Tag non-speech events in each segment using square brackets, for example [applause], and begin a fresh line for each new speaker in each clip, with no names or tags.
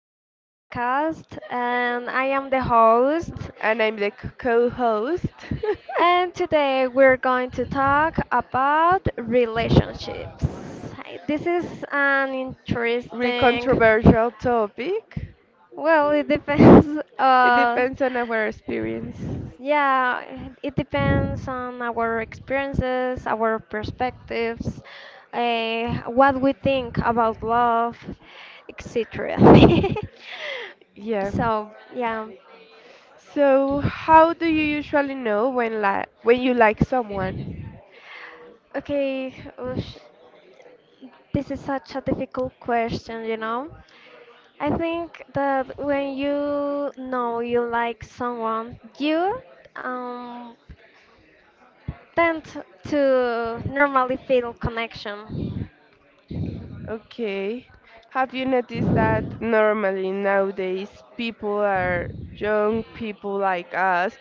our podcast, and I am the host.
[laughs] and I'm the co-host. [laughs]
And today we're going to talk about relationships. Hi, this is an
Real
interesting,
controversial topic.
well, it depends. [laughs]
It
Uh,
depends on our experience.
Yeah, it depends on our experiences, our perspectives, what we think about love, etc. [laughs]
Yeah.
So, yeah.
So, how do you usually know when li when you like someone?
Okay, oosh, this is such a difficult question, you know? I think that when you know you like someone, you um, tend to normally feel connection.
Okay. Have you noticed that normally nowadays people are young people like us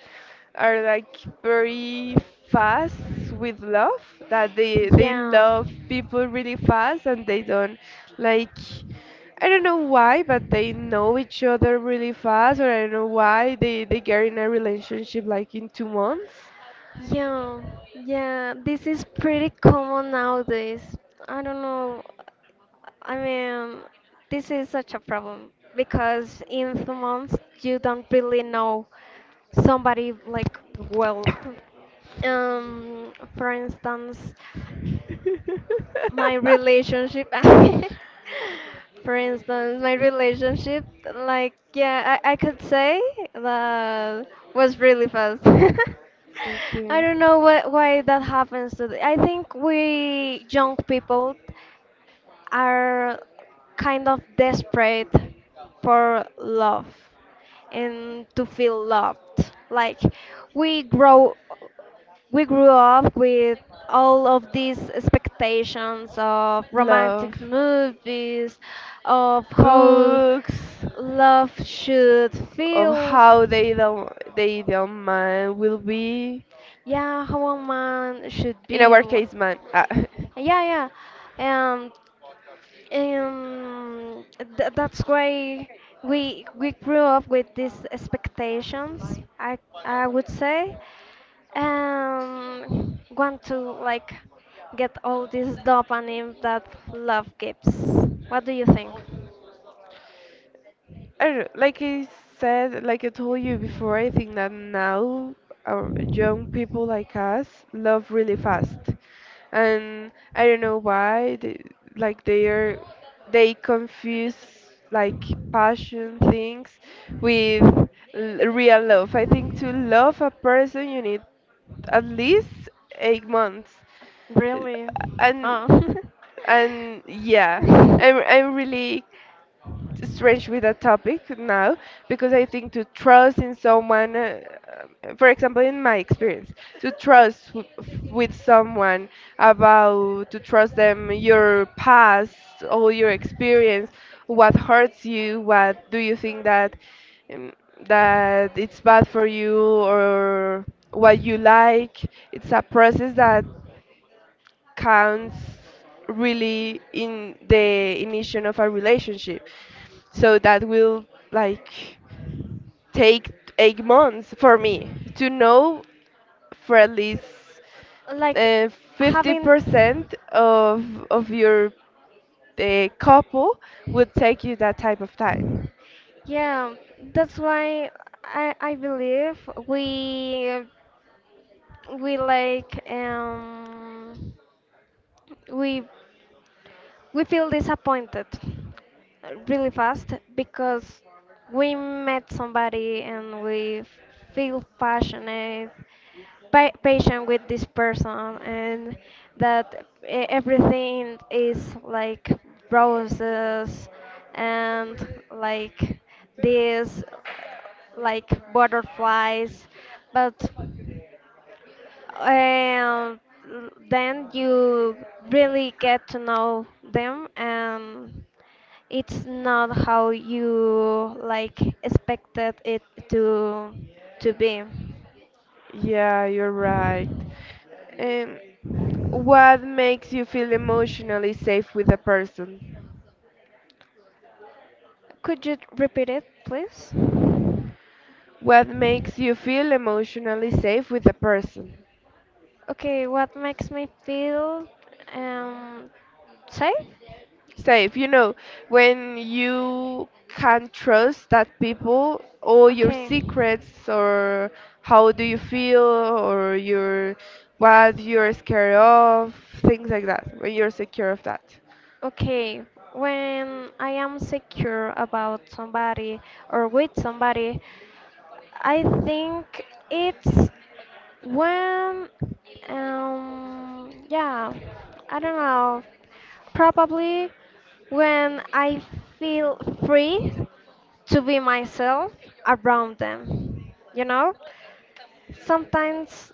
are like very fast with love, that they
Yeah.
love people really fast and they don't like, I don't know why, but they know each other really fast, or I don't know why they get in a relationship like in 2 months.
Yeah, yeah, this is pretty common nowadays. I don't know. I mean, this is such a problem because in the months you don't really know somebody like well. For instance
[laughs]
my relationship [laughs] for instance my relationship I could say that was really fast. [laughs] I
Okay.
don't know why that happens to I think we young people are kind of desperate for love and to feel loved. Like we grow we grew up with all of these expectations of
Love
romantic movies, of how
books.
love should
Of
feel.
how the ideal man will be.
Yeah, how a man should
In
be.
our case, man. [laughs]
Yeah, yeah. Um, Um, th that's why we grew up with these expectations. I would say, want to like get all this dopamine that love gives. What do you think?
I don't know, like I said, like I told you before, I think that now our young people like us love really fast, and I don't know why. They, like they are, they confuse like passion things with real love. I think to love a person, you need at least 8 months. Uh,
Really?
and
Oh.
and yeah, I'm
[laughs]
I'm really strange with that topic now because I think to trust in someone, for example, in my experience, to trust with someone, about to trust them your past, all your experience, what hurts you, what do you think that um, that it's bad for you, or what you like. It's a process that counts really in the initiation of a relationship. So that will like take 8 months for me to know, for at least
Like
uh,
having,
50% of your couple, would take you that type of time.
yeah, that's why I believe we we like we we feel disappointed really fast because we met somebody and we feel passionate, patient with this person and everything is like roses and like this, like butterflies, but and then you really get to know them and it's not how you like expected it to to be.
Yeah, you're right. Um, what makes you feel emotionally safe with a person?
Could you repeat it please?
What makes you feel emotionally safe with a person?
Okay, what makes me feel um safe?
Safe, you know, when you can trust that people, all your
Okay
secrets, or how do you feel, or your what you're scared of, things like that, when you're secure of that.
Okay, when I am secure about somebody or with somebody, I think it's when, yeah, I don't know. Probably when I feel free to be myself around them, you know? Sometimes,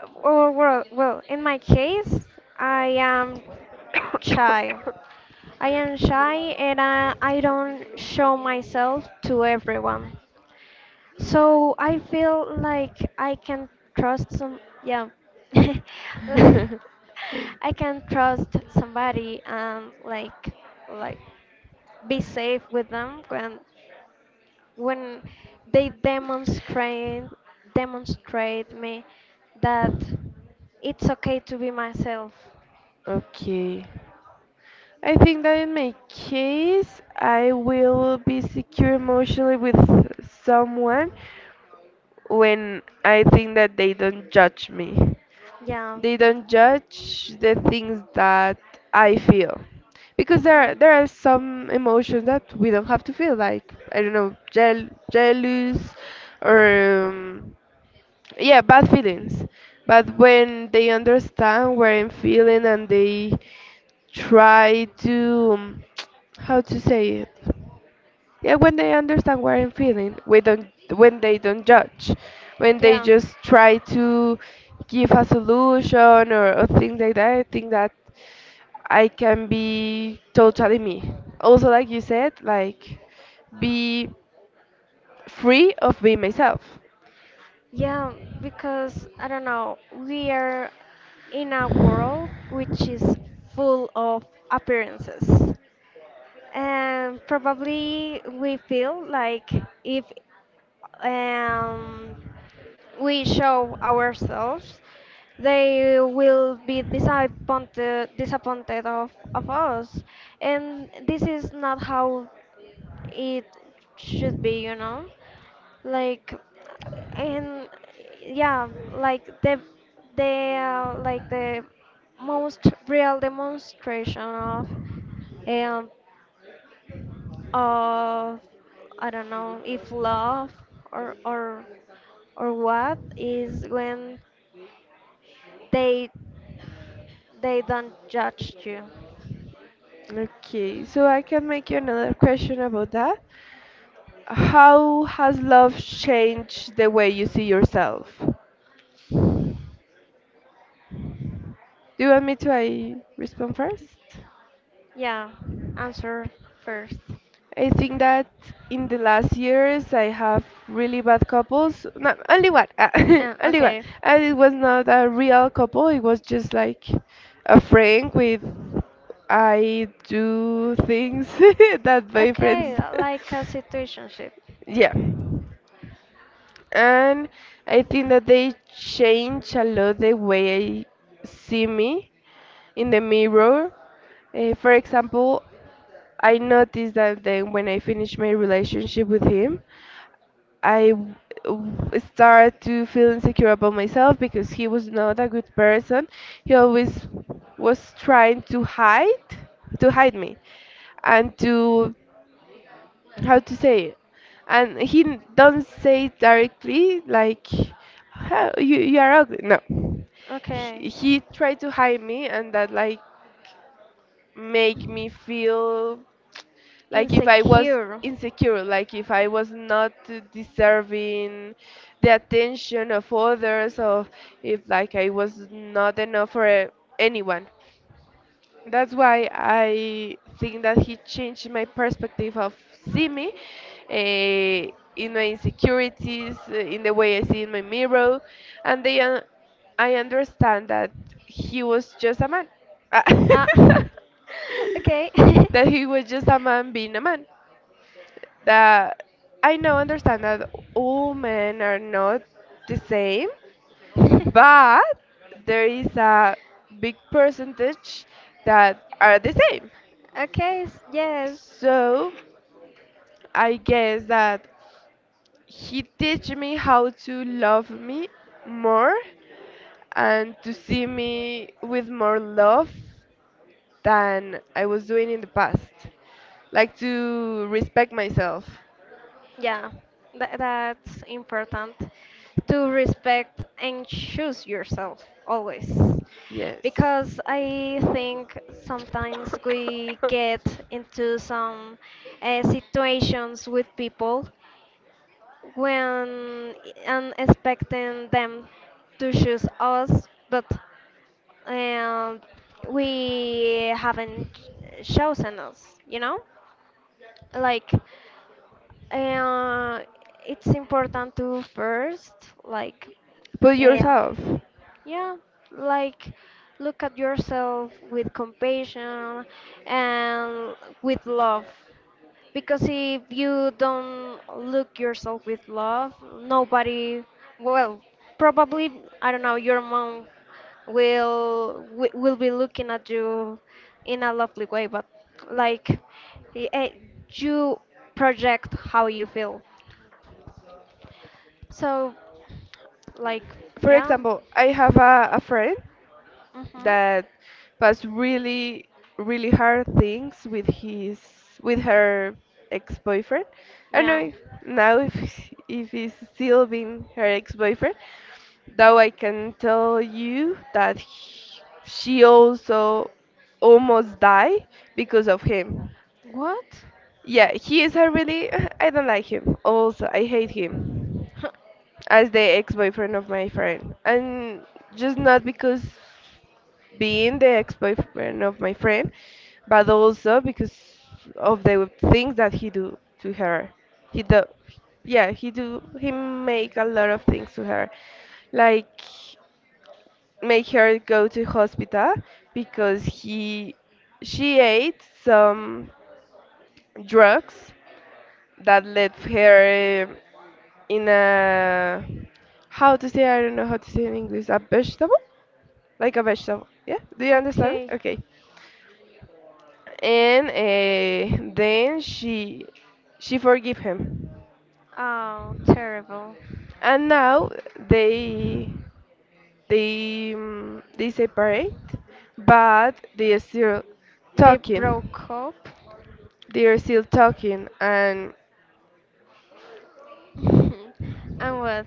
well, in my case, I am shy. I am shy and I don't show myself to everyone. So I feel like I can trust some, yeah. [laughs]
[laughs]
I can trust somebody and like be safe with them when when they demonstrate me that it's okay to be myself.
Okay. I think that in my case, I will be secure emotionally with someone when I think that they don't judge me.
Yeah.
They don't judge the things that I feel. Because
Hmm.
there are some emotions that we don't have to feel, like, I don't know, jealous, or, yeah, bad feelings. But when they understand what I'm feeling and they try to, [tsk] how to say it? Yeah, when they understand what I'm feeling, we don't when they don't judge, when they
Yeah.
just try to give a solution or things like that, I think that I can be totally me. Also, like you said, like be free of being myself.
Yeah, because I don't know, we are in a world which is full of appearances. And probably we feel like if um, we show ourselves, they will be disappointed, of us. And this is not how it should be, you know? Like and yeah, like the most real demonstration of um of I don't know if love or or or what, is when they they don't judge you.
Okay, so I can make you another question about that. How has love changed the way you see yourself? Do you want me to I respond first?
Yeah, answer first.
I think that in the last years I have really bad couples. Not only one, [laughs] only one.
Okay.
And it was not a real couple. It was just like a friend with I do things [laughs] that my friends.
Okay, like a situationship.
[laughs] Yeah. And I think that they change a lot the way I see me in the mirror. For example, I noticed that then when I finished my relationship with him, I w- started to feel insecure about myself because he was not a good person. He always was trying to hide me, and to how to say it, and he don't say it directly like how you, you are ugly, no.
Okay.
He, he tried to hide me, and that like make me feel like if I was
Insecure.
insecure, like if I was not deserving the attention of others, or if like I was not enough for anyone. That's why I think that he changed my perspective of see me uh, in my insecurities, in the way I see in my mirror, and they, I understand that he was just a man. Ah.
Ah,
[laughs]
[laughs] okay. [laughs]
That he was just a man being a man. That I now understand that all men are not the same, but there is a big percentage that are the same.
Okay, s- yes.
So I guess that he teach me how to love me more, and to see me with more love than I was doing in the past. Like to respect myself.
Yeah, that's important to respect and choose yourself always.
Yes.
Because I think sometimes we
[coughs]
get into some situations with people when and expecting them to choose us, but um, we haven't chosen us, you know? Like, uh, it's important to first, like,
But
yeah,
yourself.
yeah, like, look at yourself with compassion and with love. Because if you don't look yourself with love, nobody, well, probably, I don't know, your mom will be looking at you in a lovely way, but like y- eh, you project how you feel. So, like,
For
yeah,
example, I have a friend
mhm,
that passed really really hard things with his with her ex-boyfriend. I don't know
yeah.
if now if he's still been her ex-boyfriend, though I can tell you that he, she also almost died because of him.
What?
Yeah, he is a really [laughs] I don't like him. Also, I hate him
[laughs]
as the ex-boyfriend of my friend. And just not because being the ex-boyfriend of my friend, but also because of the things that he do to her. He do, yeah, he do, he make a lot of things to her, like make her go to hospital because he, she ate some drugs that lets her in a how to say, I don't know how to say in English, a vegetable, like a vegetable, yeah, do you understand me?
Okay.
Okay. And then she forgive him,
Oh, terrible.
and now they they separate, but they are still
They
talking.
broke up.
They are still talking. And
[laughs] And what?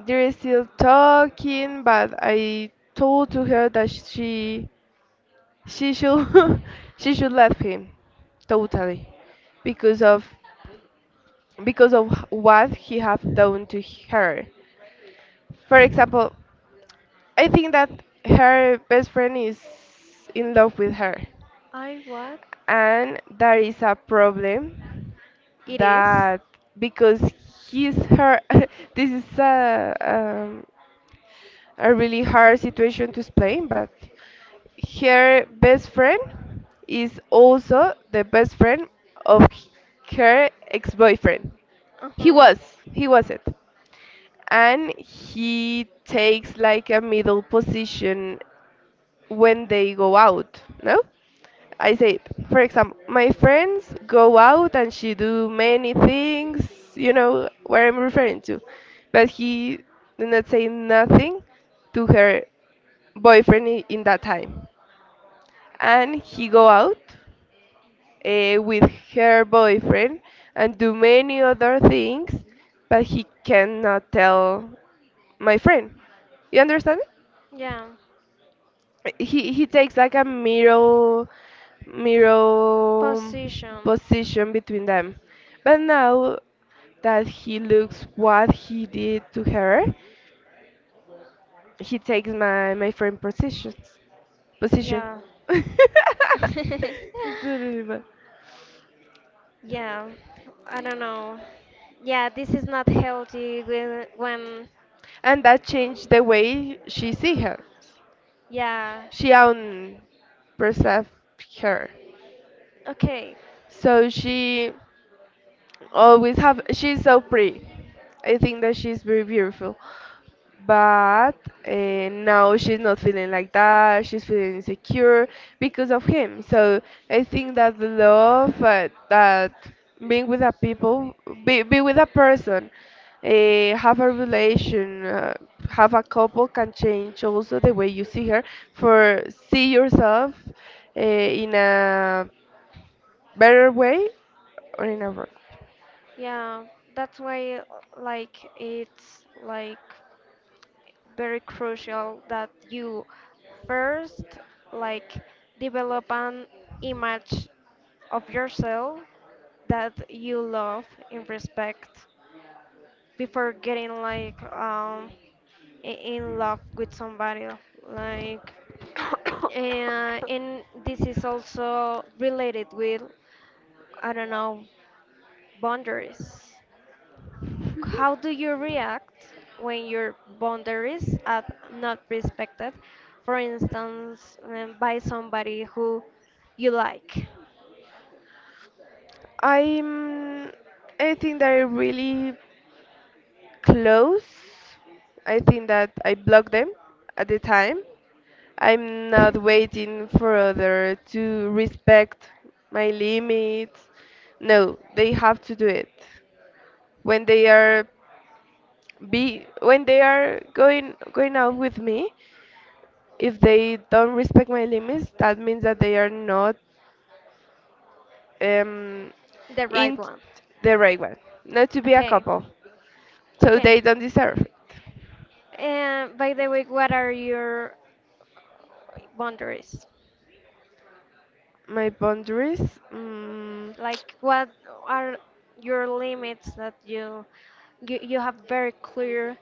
they are still talking, but I told to her that she should [laughs] she should let him totally, because of because of what he have done to her. For example, I think that her best friend is in love with her,
I what?
and there is a problem
It is.
that because he's her [laughs] this is a really hard situation to explain, but her best friend is also the best friend of her ex-boyfriend.
Uh
He
huh.
was, he was it. And he takes like a middle position when they go out, no? I said, for example, my friends go out and she do many things, you know what I'm referring to. But he did not say nothing to her boyfriend in that time, and he go out with her boyfriend and do many other things, but he cannot tell my friend, you understand me?
Yeah.
He takes like a mirror
Position.
position between them. But now that he looks what he did to her, he takes my friend position.
Yeah.
[laughs]
[laughs]
It's so really
[laughs]
bad.
Yeah, I don't know. Yeah, this is not healthy when
And that changed the way she see her.
yeah,
She un perceived her.
okay,
So she always have she's so pretty, I think that she's very beautiful, but now she's not feeling like that, she's feeling insecure because of him. So I think that the love that being with a people, be with a person, have a relation, have a couple, can change also the way you see her, for see yourself in a better way or in a wrong.
yeah, that's why like it's like very crucial that you first like develop an image of yourself that you love and respect before getting like I- in love with somebody like and,
[coughs]
and this is also related with I don't know, boundaries. How do you react when your boundaries are not respected, for instance by somebody who you like?
I'm I think they're really close. I think that I blocked them at the time. I'm not waiting for other to respect my limits. No, they have to do it. When they are be when they are going out with me, if they don't respect my limits, that means that they are not um,
The right
in
one.
the right one, not to be a
Okay.
couple, so
Okay,
they don't deserve it.
and by the way, what are your boundaries?
My boundaries, mm,
Like, what are your limits that you have very clear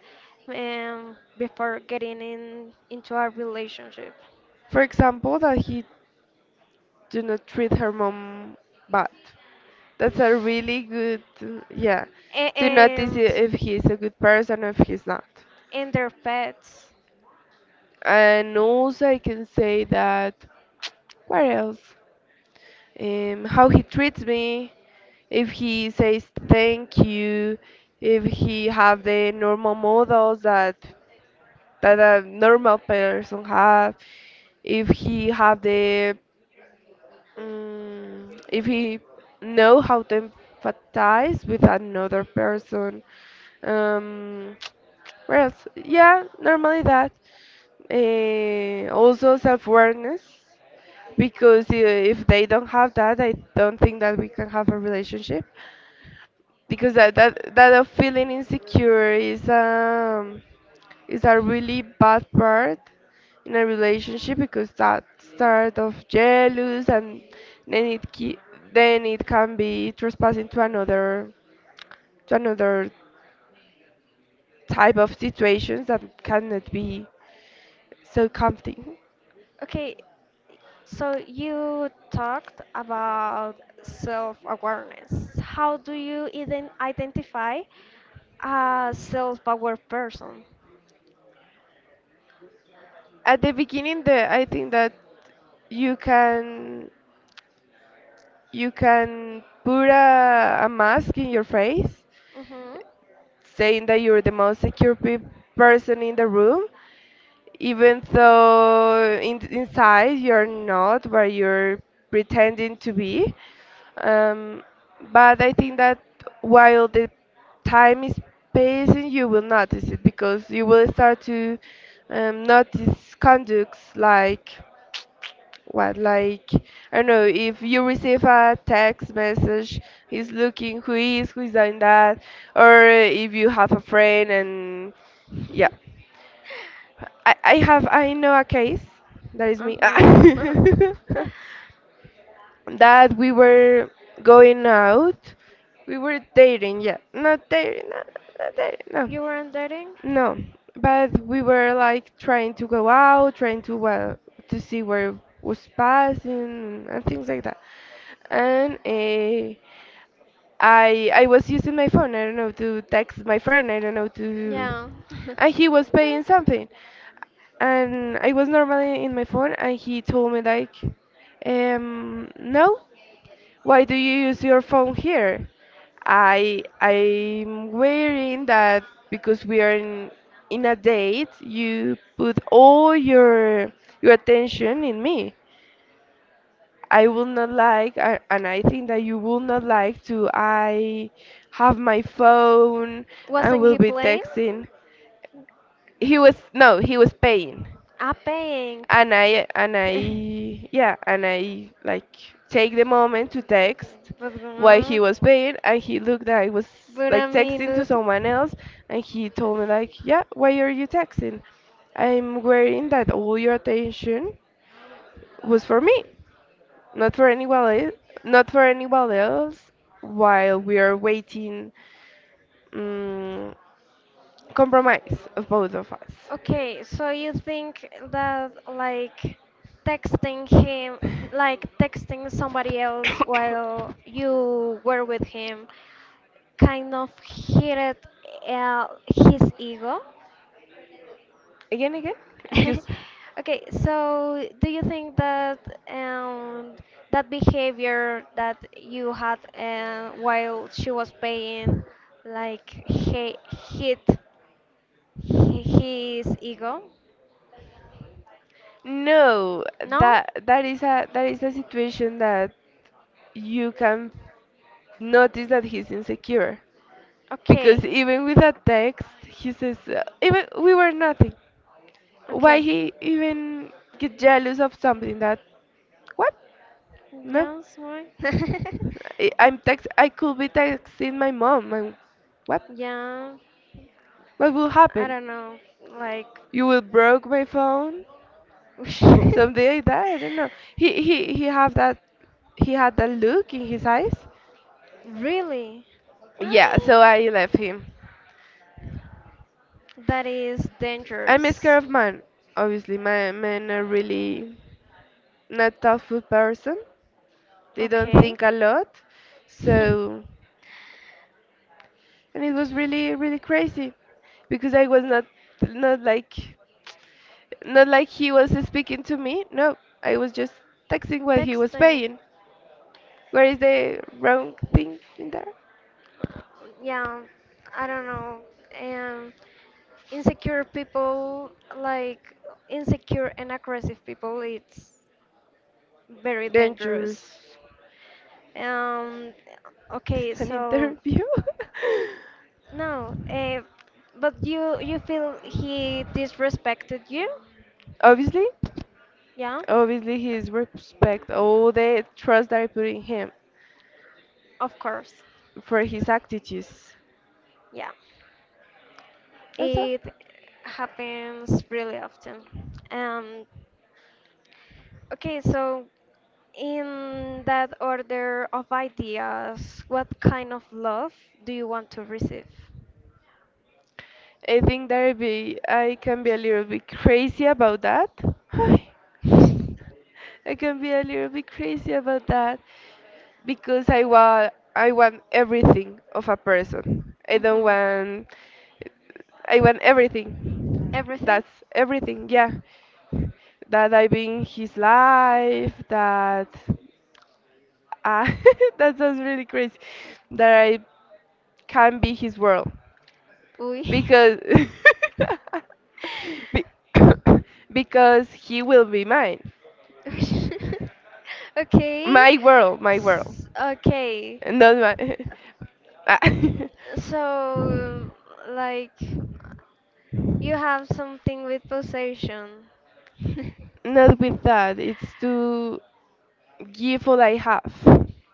before getting in into a relationship?
for example, that he do not treat her mom bad. That's a really good, yeah.
A-
To notice if he's a good person or if he's not.
and their pets.
And also, I can say that. [tsk] What else? Um, how he treats me, if he says thank you, if he have the normal models that that a normal person have, if he have the mm, if he know how to empathize with another person. Um, [tsk] where else? Yeah, normally that. Also self-awareness, because if they don't have that, I don't think that we can have a relationship, because that that of feeling insecure is a really bad part in a relationship, because that start of jealous, and then it then it can be trespassing to another type of situations that cannot be so comforting.
Okay, so you talked about self-awareness. How do you even identify a self-aware person?
At the beginning, the I think that you can you can put a mask in your face
Mm-hmm.
saying that you're the most secure person in the room, even though in, inside you're not where you're pretending to be. Um, but I think that while the time is passing, you will notice it because you will start to notice conducts like. What, like, I don't know, if you receive a text message, he's looking who is doing that, or if you have a friend and yeah.
[laughs]
I have, I know a case, that is me, [laughs]
Uh-huh. [laughs]
that we were going out, we were dating, yeah, not dating, no, not dating, no.
You weren't dating?
No, but we were like trying to go out, trying to see where was passing and things like that. And I was using my phone. I don't know to text my friend. I don't know to,
Yeah.
and
[laughs]
he was paying something. And I was normally in my phone, and he told me like, no, why do you use your phone here? I'm worrying that because we are in a date, you put all your attention in me. I will not like, and I think that you will not like to. I have my phone and
Wasn't
will
he
be
playing?
texting. He was no, he was paying.
Ah, paying.
and I and
[laughs]
I yeah, and I like take the moment to text
But
while he
what?
was paying and he looked that I was
But I
like
mean,
texting to
it-
someone else and he told me like, yeah, why are you texting? I'm worrying that all your attention was for me, not for anyone else, not for anyone else, while we are waiting, um, compromise of both of us.
[laughs] okay. So you think that like texting him, like texting somebody else while you were with him, kind of hit uh, his ego?
Again, again,
[laughs]
excuse.
Okay, so do you think that um, that behavior that you had while she was paying, like he hit his ego?
No,
No?
that is a that is a situation that you can notice that he's insecure because
Okay,
even with that text, he says even we were nothing. Why
okay.
he even get jealous of something that what? No,
Yes, why? [laughs]
I'm text. I could be texting my mom. And what?
Yeah,
What will
I
happen?
don't know. Like,
You will broke my phone?
[laughs]
Something like that. I don't know. He have that. He had that look in his eyes.
really?
Yeah,
Ay,
so I left him.
that is
I'm a
dangerous.
scared of men. Obviously, my men are really not thoughtful person. They don't
Okay.
think a lot. So,
[laughs]
and it was really, really crazy because I was not, not like, not like he was speaking to me. No, I was just texting what he was
Texting,
paying. Where is the wrong thing in there?
yeah, I don't know. Um, Insecure people, like insecure and aggressive people, it's very dangerous.
Dangerous. [laughs]
Um, okay,
It's an
so
interview. [laughs]
no, but you feel he disrespected you?
Obviously.
Yeah,
Obviously, his respect all the trust that I put in him
of course.
for his attitudes.
Yeah,
That's all.
it happens really often. Um, Okay, so in that order of ideas, what kind of love do you want to receive?
I think that I can be a little bit crazy about that.
Mhm.
[sighs] I can be a little bit crazy about that because I want everything of a person. I don't want, I want everything.
Everything?
That's everything. Yeah. That I've been his life, that, ah, [laughs] that sounds really crazy. That I can be his world
Uy.
because [laughs] be- [coughs] because he will be mine.
[laughs] Okay.
My world, my
S-
world.
okay.
Not my [laughs] ah. [laughs]
So, like, you have something with possession. [laughs]
Not with that. It's to give all I have.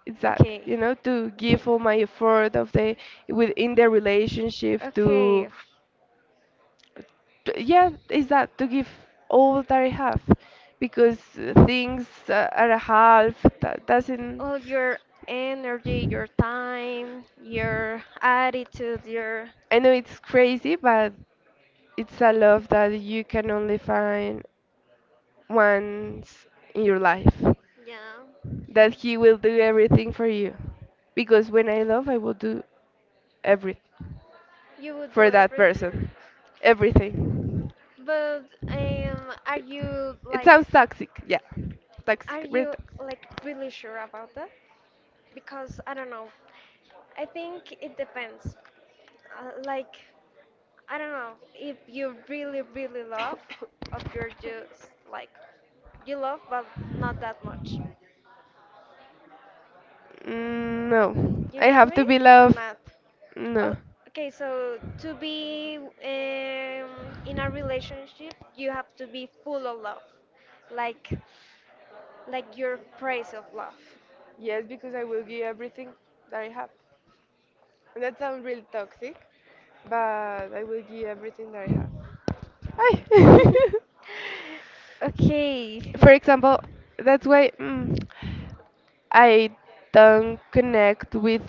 It's that
Okay.
you know to
Okay.
give all my effort of the within the relationship
Okay.
to
f-
yeah, is that to give all that I have because things are a half that doesn't.
All your energy, your time, your attitude, your
I know it's crazy, but it's a love that you can only find once in your life.
yeah.
That he will do everything for you. Because when I love, I will do everything
You would
for
do
that
everything.
person. Everything.
But are you
It
like
sounds toxic, yeah.
are
Toxic, really
you
toxic.
like really sure about that? Because I don't know. I think it depends. Like I don't know if you really really love, or you're just like you love but not that much.
Mm, no,
You
I
got
have to
me
be
or
loved.
not? Oh,
No.
okay, so to be um, in a relationship, you have to be full of love, like like your praise of love.
Yes, because I will give everything that I have. And that sounds really toxic, but I will give everything that I have. Ay.
[laughs]
[laughs]
Okay,
For example, that's why I don't connect with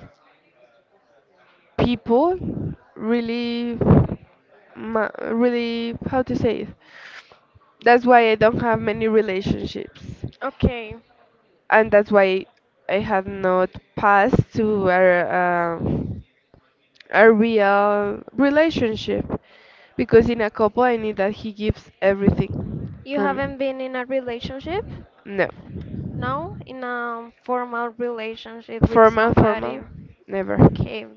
people really really how to say it, that's why I don't have many relationships,
okay.
and that's why I have not passed to a real relationship because in a couple I need that he gives everything
You
for me.
haven't been in a relationship?
No,
No, in a formal relationship with
formal, formal,
somebody.
never,
Okay,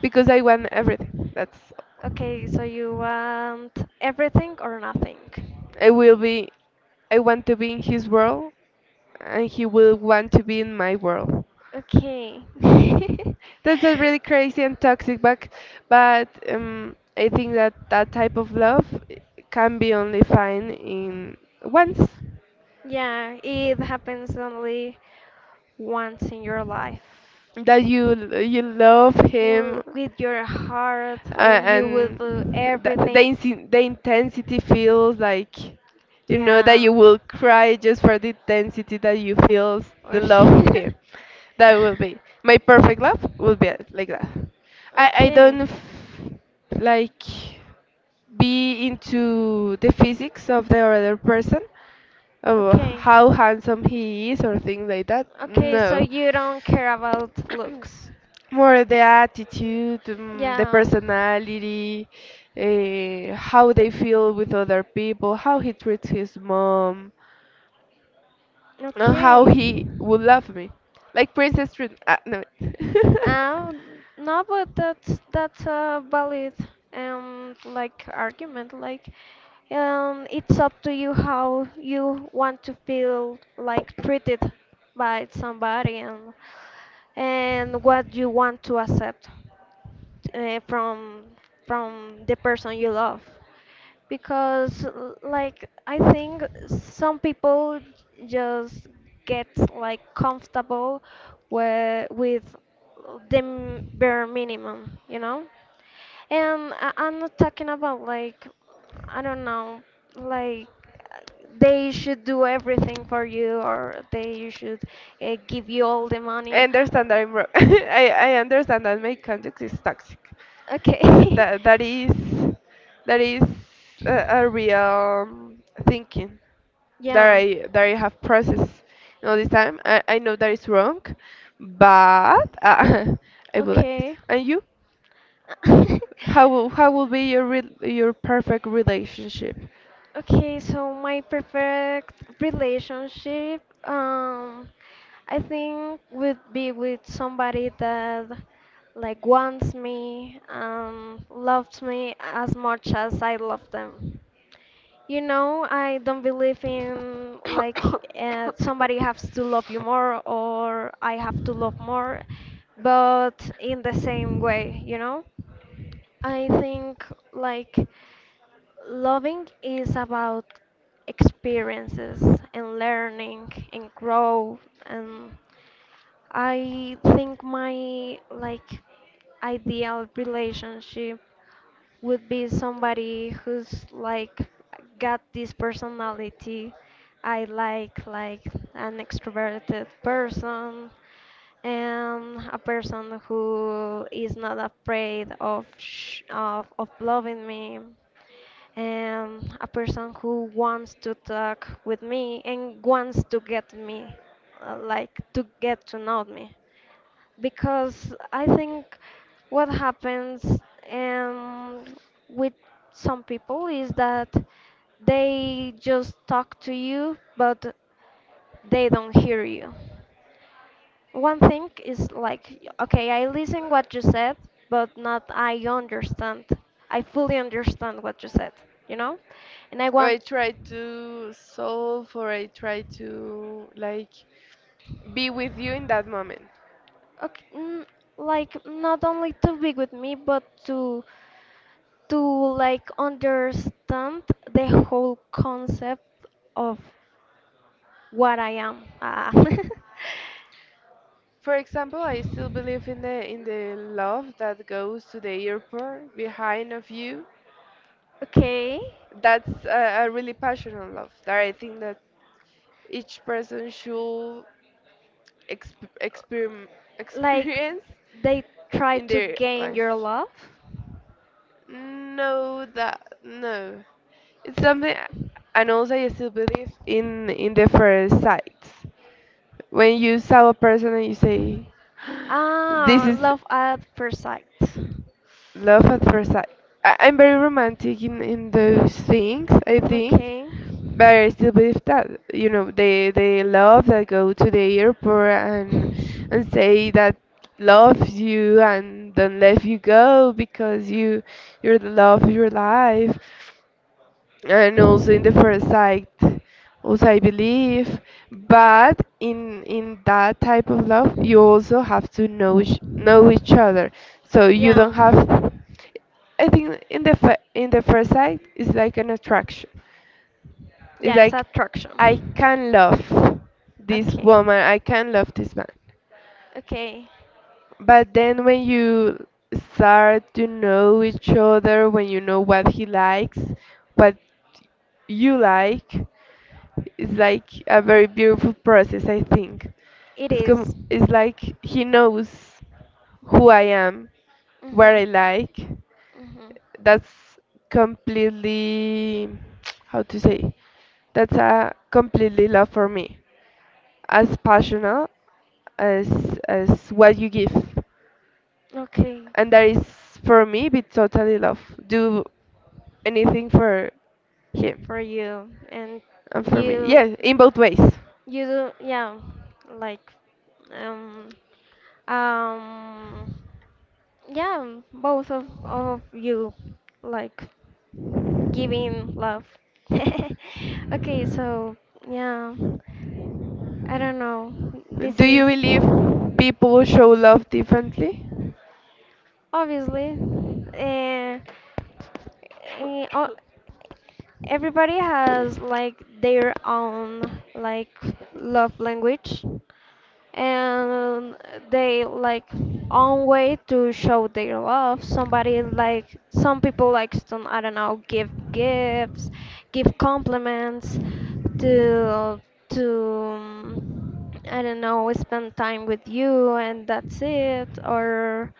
because I want everything that's,
okay. So you want everything or nothing?
I will be, I want to be in his world, and he will want to be in my world.
Okay. [laughs]
That's a really crazy and toxic, but I think that that type of love can be only found in once.
Yeah, it happens only once in your life.
That you love
Well,
him,
with your heart, and you will
and
do everything.
the intensity feels like you know that
Yeah.
you will cry just for the intensity that you feel the
Or sh-
love of
[laughs]
him. That will be my perfect love will be like that. I don't
Okay.
f- Like be into the physics of the other person of
Okay.
how handsome he is or things like that.
Okay, so
No,
you don't care about looks.
more the attitude, the
Yeah.
personality, how they feel with other people, how he treats his mom, and how
Okay.
he would love me. Like Princess treat. Ah, no. [laughs]
Um, no, but that's a valid like argument. Like, it's up to you how you want to feel like treated by somebody and what you want to accept from from the person you love because like I think some people just get like comfortable with the bare minimum, you know? And I'm not talking about like I don't know, like uh, they should do everything for you or they should give you all the
I
money.
understand that I'm wrong. [laughs] I understand that my conduct is toxic.
Okay.
Uh,
[laughs]
That, that is that is a, a real thinking. That
Yeah.
I have processed in all this time. I know that it's wrong, but [laughs] I would like it.
Okay.
And you?
[laughs]
How will be your re your perfect relationship? [coughs]
Okay, so my perfect relationship, um, I think would be with somebody that like wants me and loves me as much as I love them. You know, I don't believe in like somebody has to love you more or I have to love more, but in the same way, you know? I think like loving is about experiences and learning and grow and I think my like ideal relationship would be somebody who's like got this personality I like an extroverted person and a person who is not afraid of sh of loving me and a person who wants to talk with me and wants to get me, like to get to know me, because I think what happens um, with some people is that they just talk to you, but they don't hear you. One thing is like, okay, I listen what you said, but not I understand. I fully understand what you said, you know? And I
I
want
try to solve or I try to like be with you in that moment.
Okay, mm, like not only to be with me, but to like understand the whole concept of what I am. Ah. [laughs]
For example, I still believe in the love that goes to the airport behind of you.
Okay,
That's a really passionate love that I think that each person should exp- experim-
like
experience
they try
in
to
their
gain your
life.
love.
No, that no. It's something, and also I still believe in the first sight. When you saw a person and you say, [gasps] "This
Ah,
is,
love at first sight.
love at first sight. I'm very romantic in those things, I think,
Okay.
but I still believe that you know they love that go to the airport and say that loves you and don't let you go because you you're the love of your life, and also in the first sight also I believe, but in that type of love you also have to know each other so you don't
Yeah.
have. I think in in the first sight it's like an attraction, it's
Yeah, it's
like I
attraction.
can love this
Okay.
woman, I can love this man,
Okay.
but then when you start to know each other, when you know what he likes, what you like, it's like a very beautiful process, I think.
It is.
It's like he knows who I am, what
Mhm.
I like.
Mhm.
That's completely, [tsk] how to say, that's a completely love for me. As passionate as as what you give,
Okay.
and that is for me be totally love, do anything for him.
For you and
And for me,
you
yes, in both ways.
you do yeah, like um um yeah, both of you like giving love. [laughs] Okay, so yeah, I don't know. This
Do
is.
you believe people show love differently?
Obviously, uh, eh, o- everybody has like their own like love language and they like own way to show their love somebody like some people like to I don't know give gifts, give compliments, to to um, I don't know, spend time with you and that's it or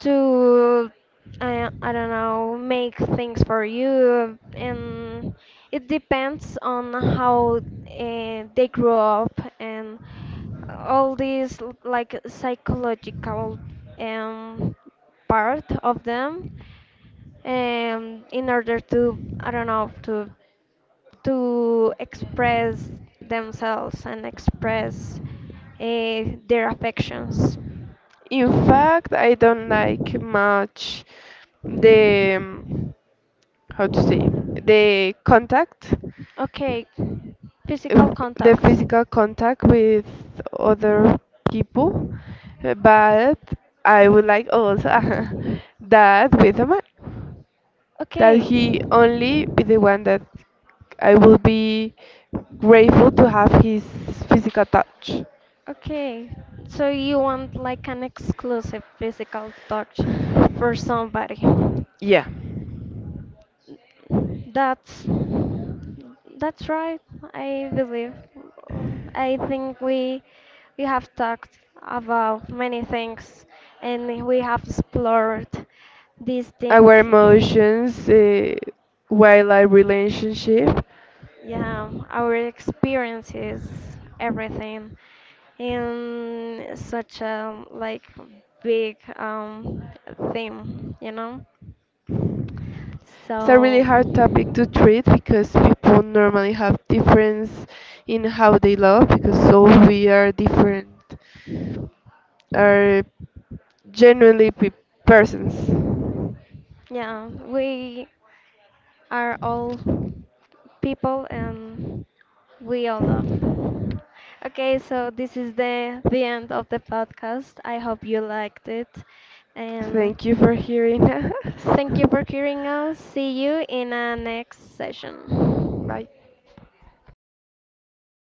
to I don't know, make things for you and it depends on how they grew up and all these like psychological um, part of them, in order to I don't know to express themselves and express their affections.
In fact, I don't like much the how to say, the contact,
Okay, physical
the
contact.
physical contact with other people, but I would like also [laughs] that with a man, that
Okay,
he only be the one that I will be grateful to have his physical touch.
okay. So you want like an exclusive physical touch for somebody.
Yeah,
That's that's right. I believe. I think we have talked about many things and we have explored this
our
thing.
emotions, while a relationship.
Yeah, our experiences, everything in such a like big theme, you know?
It's a really
So
hard topic to treat because people normally have difference in how they love because so we are different, are genuinely persons.
yeah, we are all people and we all love. Okay, so this is the end of the podcast. I hope you liked it and
Thank you for hearing us.
thank you for hearing us. See
[laughs]
you in our next session.
Bye.